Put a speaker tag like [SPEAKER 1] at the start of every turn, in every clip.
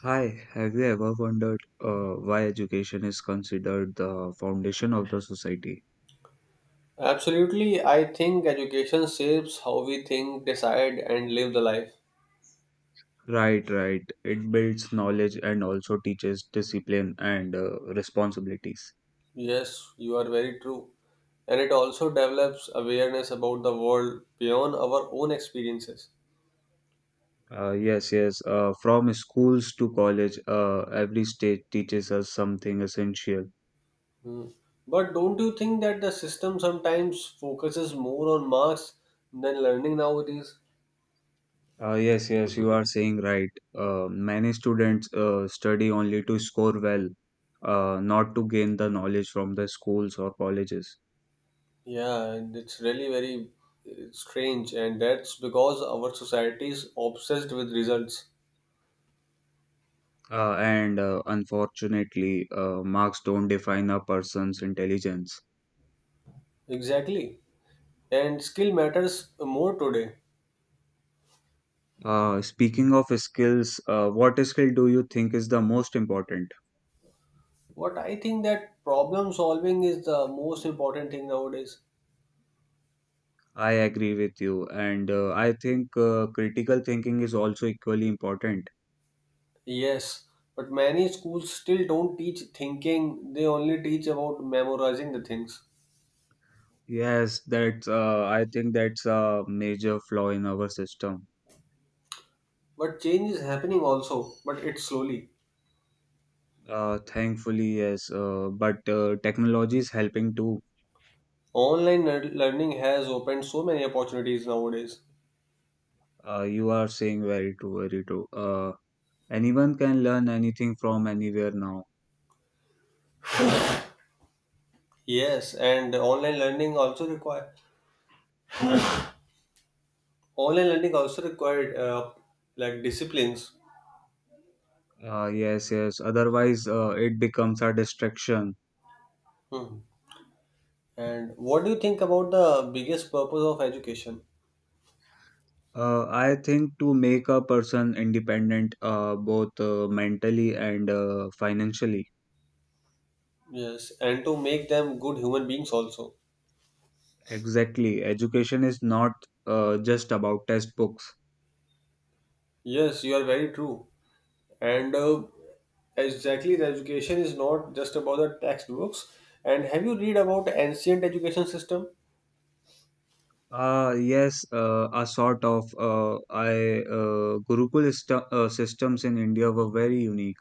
[SPEAKER 1] Hi, have you ever wondered why education is considered the foundation of the society?
[SPEAKER 2] Absolutely, I think education shapes how we think, decide, and live the life.
[SPEAKER 1] Right, right. It builds knowledge and also teaches discipline and responsibilities.
[SPEAKER 2] Yes, you are very true. And it also develops awareness about the world beyond our own experiences.
[SPEAKER 1] Yes, yes. From schools to college, every stage teaches us something essential.
[SPEAKER 2] Hmm. But don't you think that the system sometimes focuses more on marks than learning nowadays?
[SPEAKER 1] Yes, yes, you are saying right. Many students study only to score well, not to gain the knowledge from the schools or colleges.
[SPEAKER 2] Yeah, and it's really very strange, and that's because our society is obsessed with results.
[SPEAKER 1] And Unfortunately, marks don't define a person's intelligence.
[SPEAKER 2] Exactly. And skill matters more today.
[SPEAKER 1] Speaking of skills, what skill do you think is the most important?
[SPEAKER 2] What I think that problem solving is the most important thing nowadays.
[SPEAKER 1] I agree with you, and I think critical thinking is also equally important.
[SPEAKER 2] Yes, but many schools still don't teach thinking, they only teach about memorizing the things.
[SPEAKER 1] Yes, that's I think that's a major flaw in our system.
[SPEAKER 2] But change is happening also, but it's slowly.
[SPEAKER 1] Thankfully, yes, but technology is helping too.
[SPEAKER 2] Online learning has opened so many opportunities nowadays.
[SPEAKER 1] You are saying very true, very true. Anyone can learn anything from anywhere now.
[SPEAKER 2] Yes, and online learning also require online learning also required like disciplines.
[SPEAKER 1] Yes, yes. Otherwise, it becomes a distraction.
[SPEAKER 2] Hmm. And what do you think about the biggest purpose of education?
[SPEAKER 1] I think to make a person independent, both mentally and financially.
[SPEAKER 2] Yes, and to make them good human beings also.
[SPEAKER 1] Exactly. Education is not just about textbooks.
[SPEAKER 2] Yes, you are very true. And exactly, the education is not just about the textbooks. And have you read about ancient education system?
[SPEAKER 1] Yes, a sort of I Gurukul systems in India were very unique.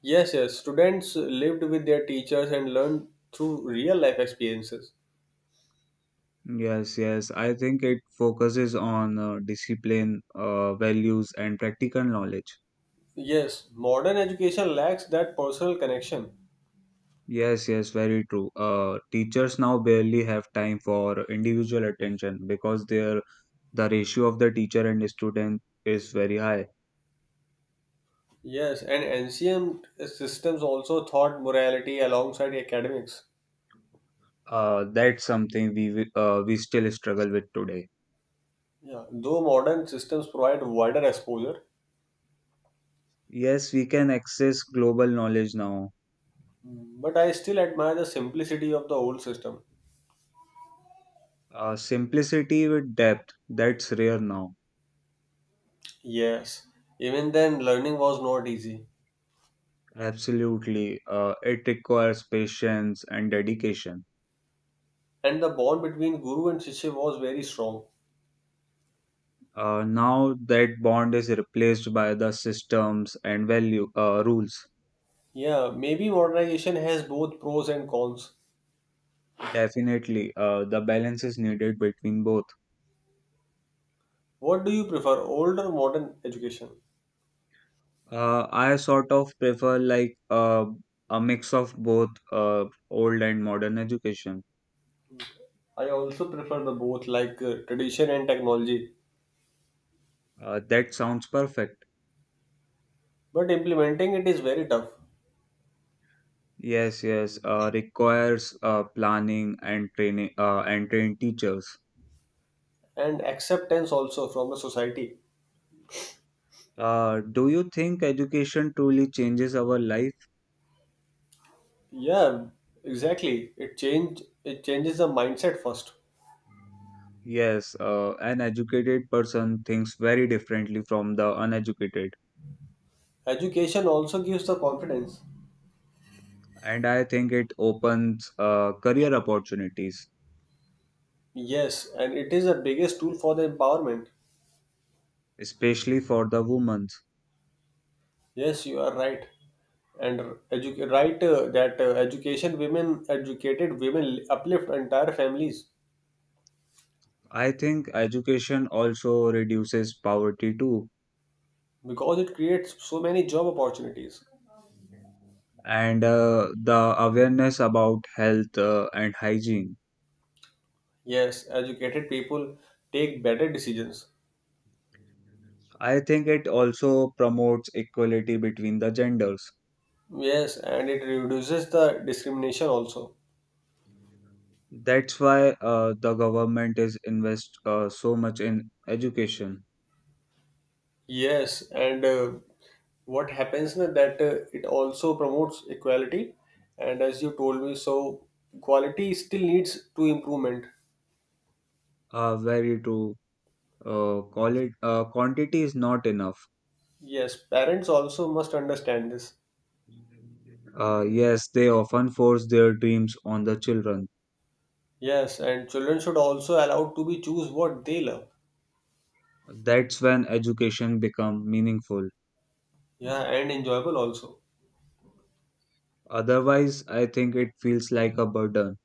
[SPEAKER 2] Yes, yes. Students lived with their teachers and learned through real life experiences.
[SPEAKER 1] Yes, yes. I think it focuses on discipline, values, and practical knowledge.
[SPEAKER 2] Yes, modern education lacks that personal connection.
[SPEAKER 1] Yes, yes, very true. Teachers now barely have time for individual attention because the ratio of the teacher and student is very high.
[SPEAKER 2] Yes, and ancient systems also taught morality alongside academics.
[SPEAKER 1] That's something we still struggle with today.
[SPEAKER 2] Yeah, though modern systems provide wider exposure.
[SPEAKER 1] Yes, we can access global knowledge now.
[SPEAKER 2] Mm, but I still admire the simplicity of the old system.
[SPEAKER 1] Simplicity with depth, that's rare now.
[SPEAKER 2] Yes, even then learning was not easy,
[SPEAKER 1] Absolutely. It requires patience and dedication.
[SPEAKER 2] and the bond between guru and shishya was very strong.
[SPEAKER 1] Now that bond is replaced by the systems and value rules.
[SPEAKER 2] Yeah, maybe modernization has both pros and cons.
[SPEAKER 1] Definitely, the balance is needed between both.
[SPEAKER 2] What do you prefer, old or modern education?
[SPEAKER 1] I sort of prefer like a mix of both old and modern education.
[SPEAKER 2] I also prefer the both, like tradition and technology,
[SPEAKER 1] That sounds perfect.
[SPEAKER 2] but implementing it is very tough,
[SPEAKER 1] Yes, yes, requires planning and training and trained teachers.
[SPEAKER 2] and acceptance also from the society.
[SPEAKER 1] Do you think education truly changes our life?
[SPEAKER 2] Yeah, exactly. It change it changes the mindset first.
[SPEAKER 1] Yes, an educated person thinks very differently from the uneducated,
[SPEAKER 2] Education also gives the confidence.
[SPEAKER 1] and I think it opens career opportunities,
[SPEAKER 2] Yes, and it is the biggest tool for the empowerment.
[SPEAKER 1] especially for the women.
[SPEAKER 2] Yes, you are right. And right that education women, educated women uplift entire families
[SPEAKER 1] I think education also reduces poverty too,
[SPEAKER 2] because it creates so many job opportunities.
[SPEAKER 1] and the awareness about health and hygiene.
[SPEAKER 2] Yes, educated people take better decisions.
[SPEAKER 1] I think it also promotes equality between the genders.
[SPEAKER 2] Yes, and it reduces the discrimination also.
[SPEAKER 1] That's why the government is invest so much in education.
[SPEAKER 2] Yes, and what happens na, that it also promotes equality, and as you told me, so quality still needs to improvement.
[SPEAKER 1] Very true. Uh, quality, quantity is not enough.
[SPEAKER 2] Yes, parents also must understand this.
[SPEAKER 1] Yes, they often force their dreams on the children.
[SPEAKER 2] Yes, and children should also allowed to be choose what they love.
[SPEAKER 1] That's when education become meaningful.
[SPEAKER 2] Yeah, and enjoyable also.
[SPEAKER 1] Otherwise, I think it feels like a burden.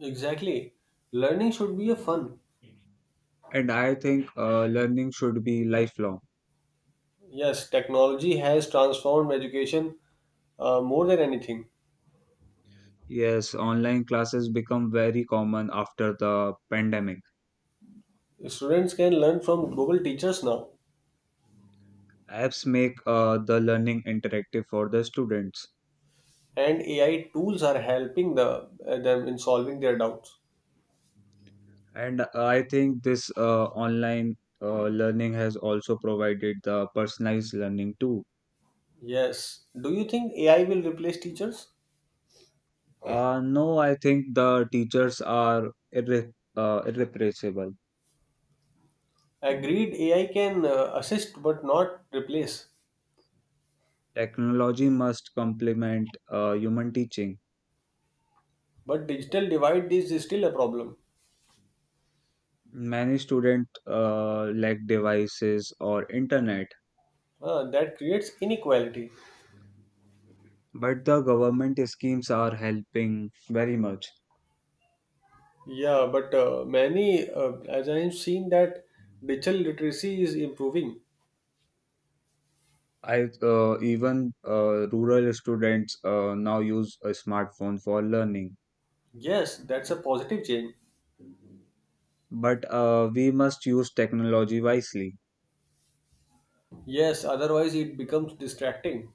[SPEAKER 2] Exactly. Learning should be a fun.
[SPEAKER 1] And I think learning should be lifelong.
[SPEAKER 2] Yes, technology has transformed education more than anything.
[SPEAKER 1] Yes, online classes become very common after the pandemic.
[SPEAKER 2] Students can learn from global teachers now.
[SPEAKER 1] Apps make the learning interactive for the students.
[SPEAKER 2] And AI tools are helping the them in solving their doubts.
[SPEAKER 1] And I think this online learning has also provided the personalized learning too.
[SPEAKER 2] Yes. Do you think AI will replace teachers?
[SPEAKER 1] No, I think the teachers are irre- irrepressible.
[SPEAKER 2] Agreed, AI can assist but not replace.
[SPEAKER 1] Technology must complement human teaching.
[SPEAKER 2] But digital divide is still a problem.
[SPEAKER 1] Many students lack devices or internet,
[SPEAKER 2] That creates inequality.
[SPEAKER 1] but the government schemes are helping very much.
[SPEAKER 2] Yeah, but many, as I have seen, that digital literacy is improving.
[SPEAKER 1] I even rural students now use a smartphone for learning.
[SPEAKER 2] Yes, that's a positive change.
[SPEAKER 1] But we must use technology wisely.
[SPEAKER 2] Yes, otherwise it becomes distracting.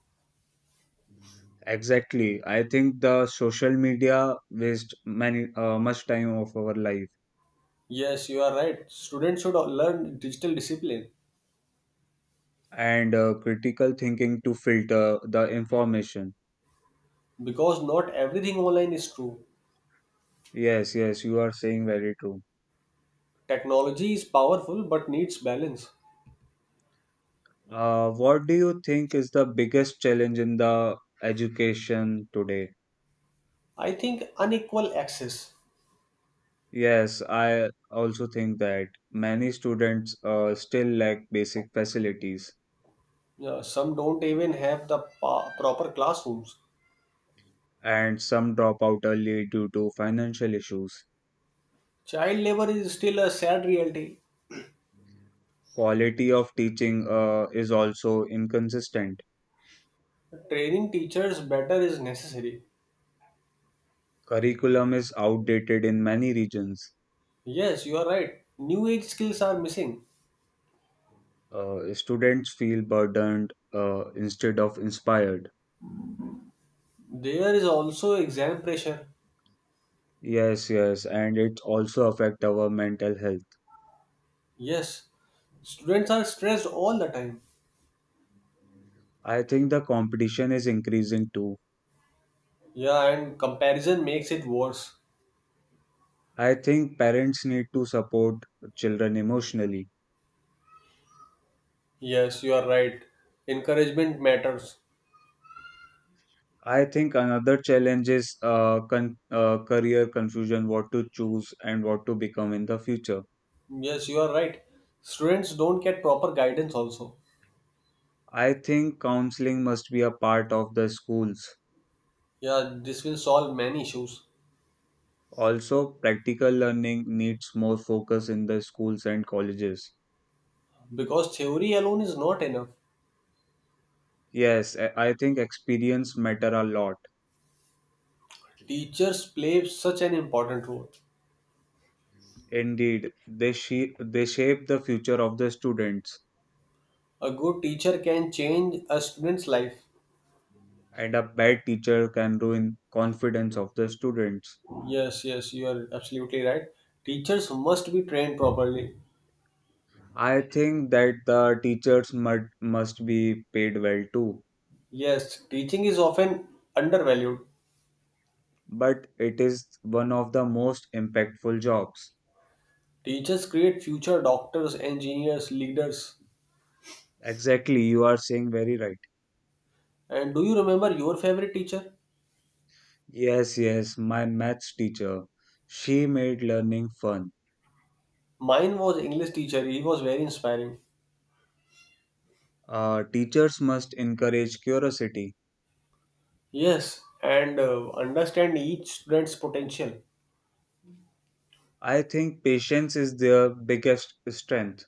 [SPEAKER 1] Exactly. I think the social media waste many much time of our life,
[SPEAKER 2] Yes, you are right. Students should learn digital discipline.
[SPEAKER 1] and critical thinking to filter the information.
[SPEAKER 2] Because not everything online is true.
[SPEAKER 1] Yes, yes, you are saying very true.
[SPEAKER 2] Technology is powerful but needs balance.
[SPEAKER 1] What do you think is the biggest challenge in the education today?
[SPEAKER 2] I think unequal access.
[SPEAKER 1] Yes, I also think that many students still lack basic facilities
[SPEAKER 2] Yeah, some don't even have the proper classrooms.
[SPEAKER 1] and some drop out early due to financial issues.
[SPEAKER 2] Child labor is still a sad reality.
[SPEAKER 1] Quality of teaching is also inconsistent.
[SPEAKER 2] Training teachers better is necessary.
[SPEAKER 1] Curriculum is outdated in many regions.
[SPEAKER 2] Yes, you are right. New age skills are missing.
[SPEAKER 1] Students feel burdened instead of inspired.
[SPEAKER 2] There is also exam pressure.
[SPEAKER 1] Yes, yes, and it also affect our mental health.
[SPEAKER 2] Yes, students are stressed all the time.
[SPEAKER 1] I think the competition is increasing too.
[SPEAKER 2] Yeah, and comparison makes it worse.
[SPEAKER 1] I think parents need to support children emotionally.
[SPEAKER 2] Yes, you are right. Encouragement matters.
[SPEAKER 1] I think another challenge is career confusion, what to choose and what to become in the future.
[SPEAKER 2] Yes, you are right. Students don't get proper guidance also.
[SPEAKER 1] I think counseling must be a part of the schools.
[SPEAKER 2] Yeah, this will solve many issues
[SPEAKER 1] Also, practical learning needs more focus in the schools and colleges.
[SPEAKER 2] because theory alone is not enough.
[SPEAKER 1] Yes, I think experience matter a lot.
[SPEAKER 2] Teachers play such an important role.
[SPEAKER 1] Indeed, they shape the future of the students,
[SPEAKER 2] A good teacher can change a student's life.
[SPEAKER 1] and a bad teacher can ruin confidence of the students.
[SPEAKER 2] Yes, yes, you are absolutely right. Teachers must be trained properly.
[SPEAKER 1] I think that the teachers must be paid well too,
[SPEAKER 2] Yes, teaching is often undervalued.
[SPEAKER 1] but it is one of the most impactful jobs.
[SPEAKER 2] Teachers create future doctors, engineers, leaders.
[SPEAKER 1] Exactly, you are saying very right.
[SPEAKER 2] And do you remember your favorite teacher?
[SPEAKER 1] Yes, yes, my maths teacher. She made learning fun.
[SPEAKER 2] Mine was English teacher. He was very inspiring.
[SPEAKER 1] Teachers must encourage curiosity.
[SPEAKER 2] Yes, and understand each student's potential.
[SPEAKER 1] I think patience is their biggest strength.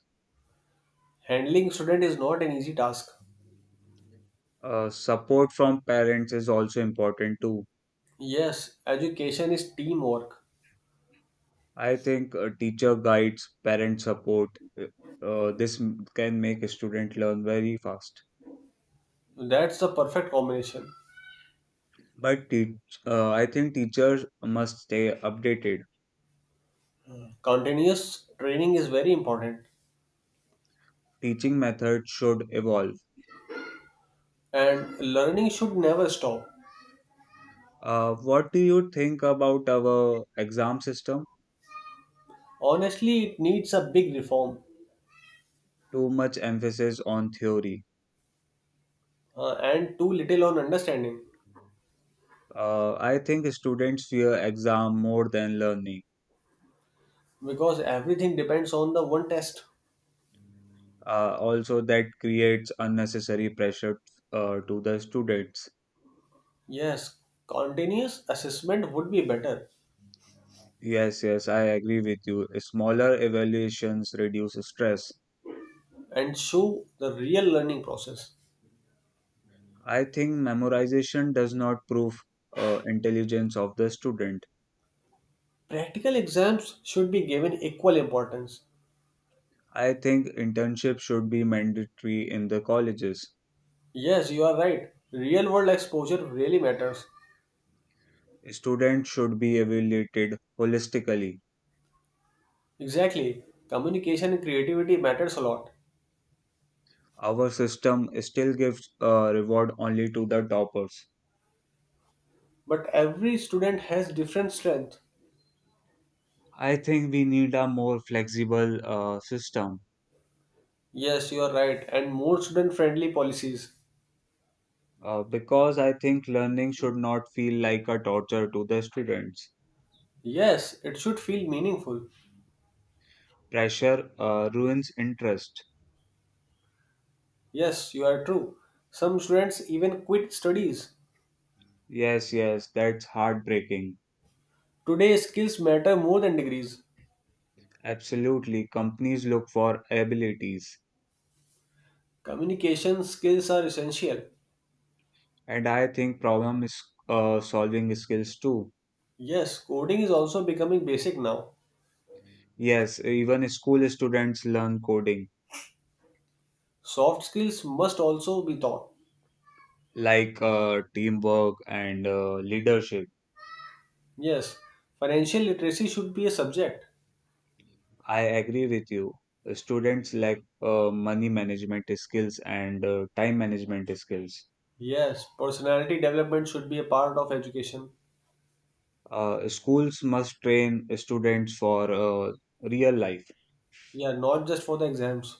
[SPEAKER 2] Handling student is not an easy task.
[SPEAKER 1] Support from parents is also important too.
[SPEAKER 2] Yes, education is teamwork.
[SPEAKER 1] I think teacher guides, parent support, uh, can make a student learn very fast.
[SPEAKER 2] That's the perfect combination.
[SPEAKER 1] But teach, I think teachers must stay updated.
[SPEAKER 2] Continuous training is very important,
[SPEAKER 1] Teaching methods should evolve.
[SPEAKER 2] and learning should never stop.
[SPEAKER 1] What do you think about our exam system?
[SPEAKER 2] Honestly, it needs a big reform
[SPEAKER 1] Too much emphasis on theory.
[SPEAKER 2] and too little on understanding
[SPEAKER 1] I think students fear exam more than learning.
[SPEAKER 2] because everything depends on the one test.
[SPEAKER 1] Also, that creates unnecessary pressure to the students.
[SPEAKER 2] Yes, continuous assessment would be better
[SPEAKER 1] Yes, yes, I agree with you. Smaller evaluations reduce stress.
[SPEAKER 2] and show the real learning process.
[SPEAKER 1] I think memorization does not prove intelligence of the student.
[SPEAKER 2] Practical exams should be given equal importance.
[SPEAKER 1] I think internship should be mandatory in the colleges.
[SPEAKER 2] Yes, you are right. Real world exposure really matters.
[SPEAKER 1] Students should be evaluated holistically.
[SPEAKER 2] Exactly. Communication and creativity matters a lot.
[SPEAKER 1] Our system still gives reward only to the toppers.
[SPEAKER 2] But every student has different strength.
[SPEAKER 1] I think we need a more flexible system.
[SPEAKER 2] Yes, you are right. And more student friendly policies.
[SPEAKER 1] Because I think learning should not feel like a torture to the students.
[SPEAKER 2] Yes, it should feel meaningful.
[SPEAKER 1] Pressure ruins interest.
[SPEAKER 2] Yes, you are true. Some students even quit studies.
[SPEAKER 1] Yes, yes, that's heartbreaking.
[SPEAKER 2] Today, skills matter more than degrees.
[SPEAKER 1] Absolutely, companies look for abilities,
[SPEAKER 2] Communication skills are essential.
[SPEAKER 1] and I think problem is solving skills too.
[SPEAKER 2] Yes, coding is also becoming basic now.
[SPEAKER 1] Yes, even school students learn coding,
[SPEAKER 2] Soft skills must also be taught.
[SPEAKER 1] like teamwork and leadership.
[SPEAKER 2] Yes, financial literacy should be a subject.
[SPEAKER 1] I agree with you. Students lack money management skills and time management skills.
[SPEAKER 2] Yes, personality development should be a part of education.
[SPEAKER 1] Schools must train students for real life.
[SPEAKER 2] Yeah, not just for the exams.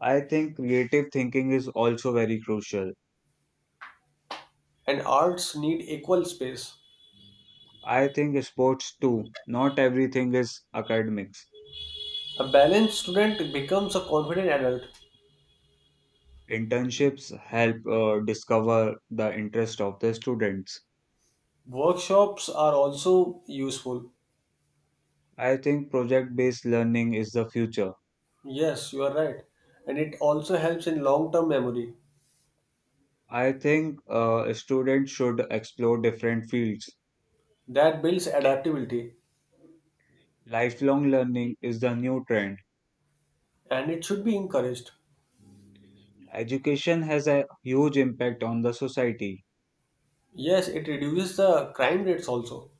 [SPEAKER 1] I think creative thinking is also very crucial.
[SPEAKER 2] And arts need equal space.
[SPEAKER 1] I think sports too. Not everything is academics.
[SPEAKER 2] A balanced student becomes a confident adult.
[SPEAKER 1] Internships help discover the interest of the students.
[SPEAKER 2] Workshops are also useful.
[SPEAKER 1] I think project based learning is the future.
[SPEAKER 2] Yes, you are right. And it also helps in long term memory.
[SPEAKER 1] I think students should explore different fields.
[SPEAKER 2] That builds adaptability.
[SPEAKER 1] Lifelong learning is the new trend.
[SPEAKER 2] And it should be encouraged.
[SPEAKER 1] Education has a huge impact on the society,
[SPEAKER 2] Yes, it reduces the crime rates also.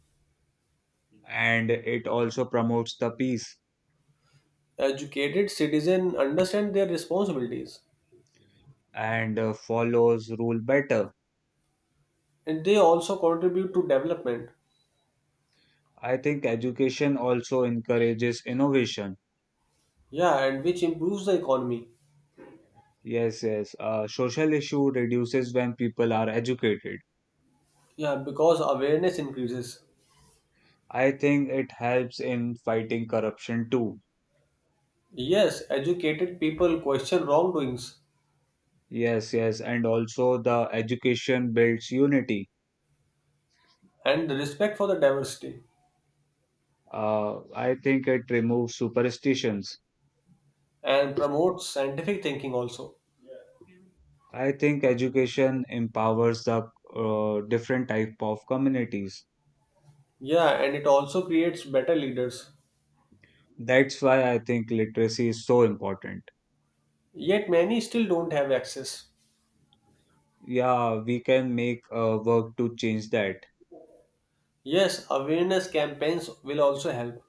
[SPEAKER 1] and it also promotes the peace
[SPEAKER 2] Educated citizens understand their responsibilities
[SPEAKER 1] and follows rule better.
[SPEAKER 2] and they also contribute to development.
[SPEAKER 1] I think education also encourages innovation.
[SPEAKER 2] Yeah, and which improves the economy.
[SPEAKER 1] Yes, yes. Social issue reduces when people are educated.
[SPEAKER 2] Yeah, because awareness increases.
[SPEAKER 1] I think it helps in fighting corruption too.
[SPEAKER 2] Yes, educated people question wrongdoings
[SPEAKER 1] Yes, yes. And also the education builds unity.
[SPEAKER 2] and the respect for the diversity
[SPEAKER 1] I think it removes superstitions.
[SPEAKER 2] and promotes scientific thinking also.
[SPEAKER 1] I think education empowers the different type of communities.
[SPEAKER 2] Yeah, and it also creates better leaders.
[SPEAKER 1] That's why I think literacy is so important.
[SPEAKER 2] Yet many still don't have access.
[SPEAKER 1] Yeah, we can make work to change that.
[SPEAKER 2] Yes, awareness campaigns will also help.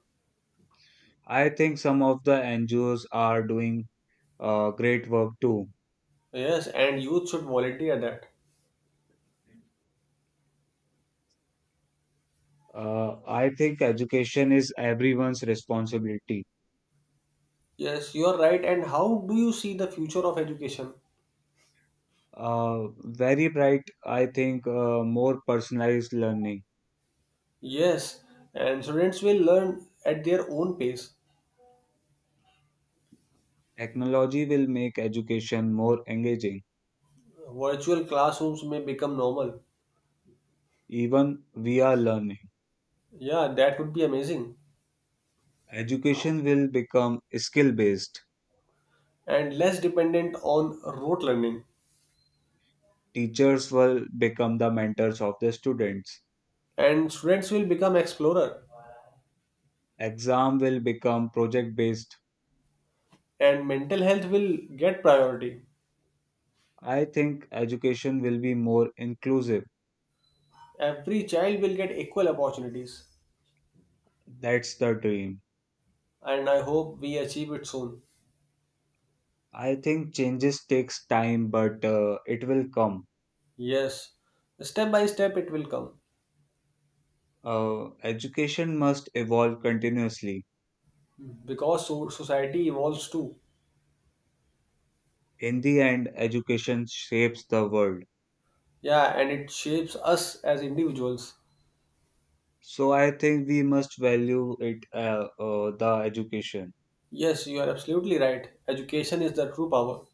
[SPEAKER 1] I think some of the NGOs are doing great work too.
[SPEAKER 2] Yes, and youth should volunteer that.
[SPEAKER 1] I think education is everyone's responsibility.
[SPEAKER 2] Yes, you're right. And how do you see the future of education?
[SPEAKER 1] Very bright, I think more personalized learning.
[SPEAKER 2] Yes, and students will learn at their own pace.
[SPEAKER 1] Technology will make education more engaging.
[SPEAKER 2] Virtual classrooms may become normal.
[SPEAKER 1] Even we are learning.
[SPEAKER 2] Yeah, that would be amazing.
[SPEAKER 1] Education will become skill based.
[SPEAKER 2] And less dependent on rote learning.
[SPEAKER 1] Teachers will become the mentors of the students.
[SPEAKER 2] And students will become explorer.
[SPEAKER 1] Exam will become project based.
[SPEAKER 2] And mental health will get priority.
[SPEAKER 1] I think education will be more inclusive.
[SPEAKER 2] Every child will get equal opportunities.
[SPEAKER 1] That's the dream.
[SPEAKER 2] And I hope we achieve it soon.
[SPEAKER 1] I think changes takes time but it will come.
[SPEAKER 2] Yes, step by step it will come.
[SPEAKER 1] Education must evolve continuously.
[SPEAKER 2] Because society evolves too.
[SPEAKER 1] In the end education shapes the world.
[SPEAKER 2] Yeah, and it shapes us as individuals.
[SPEAKER 1] So I think we must value it the education.
[SPEAKER 2] Yes, you are absolutely right. Education is the true power.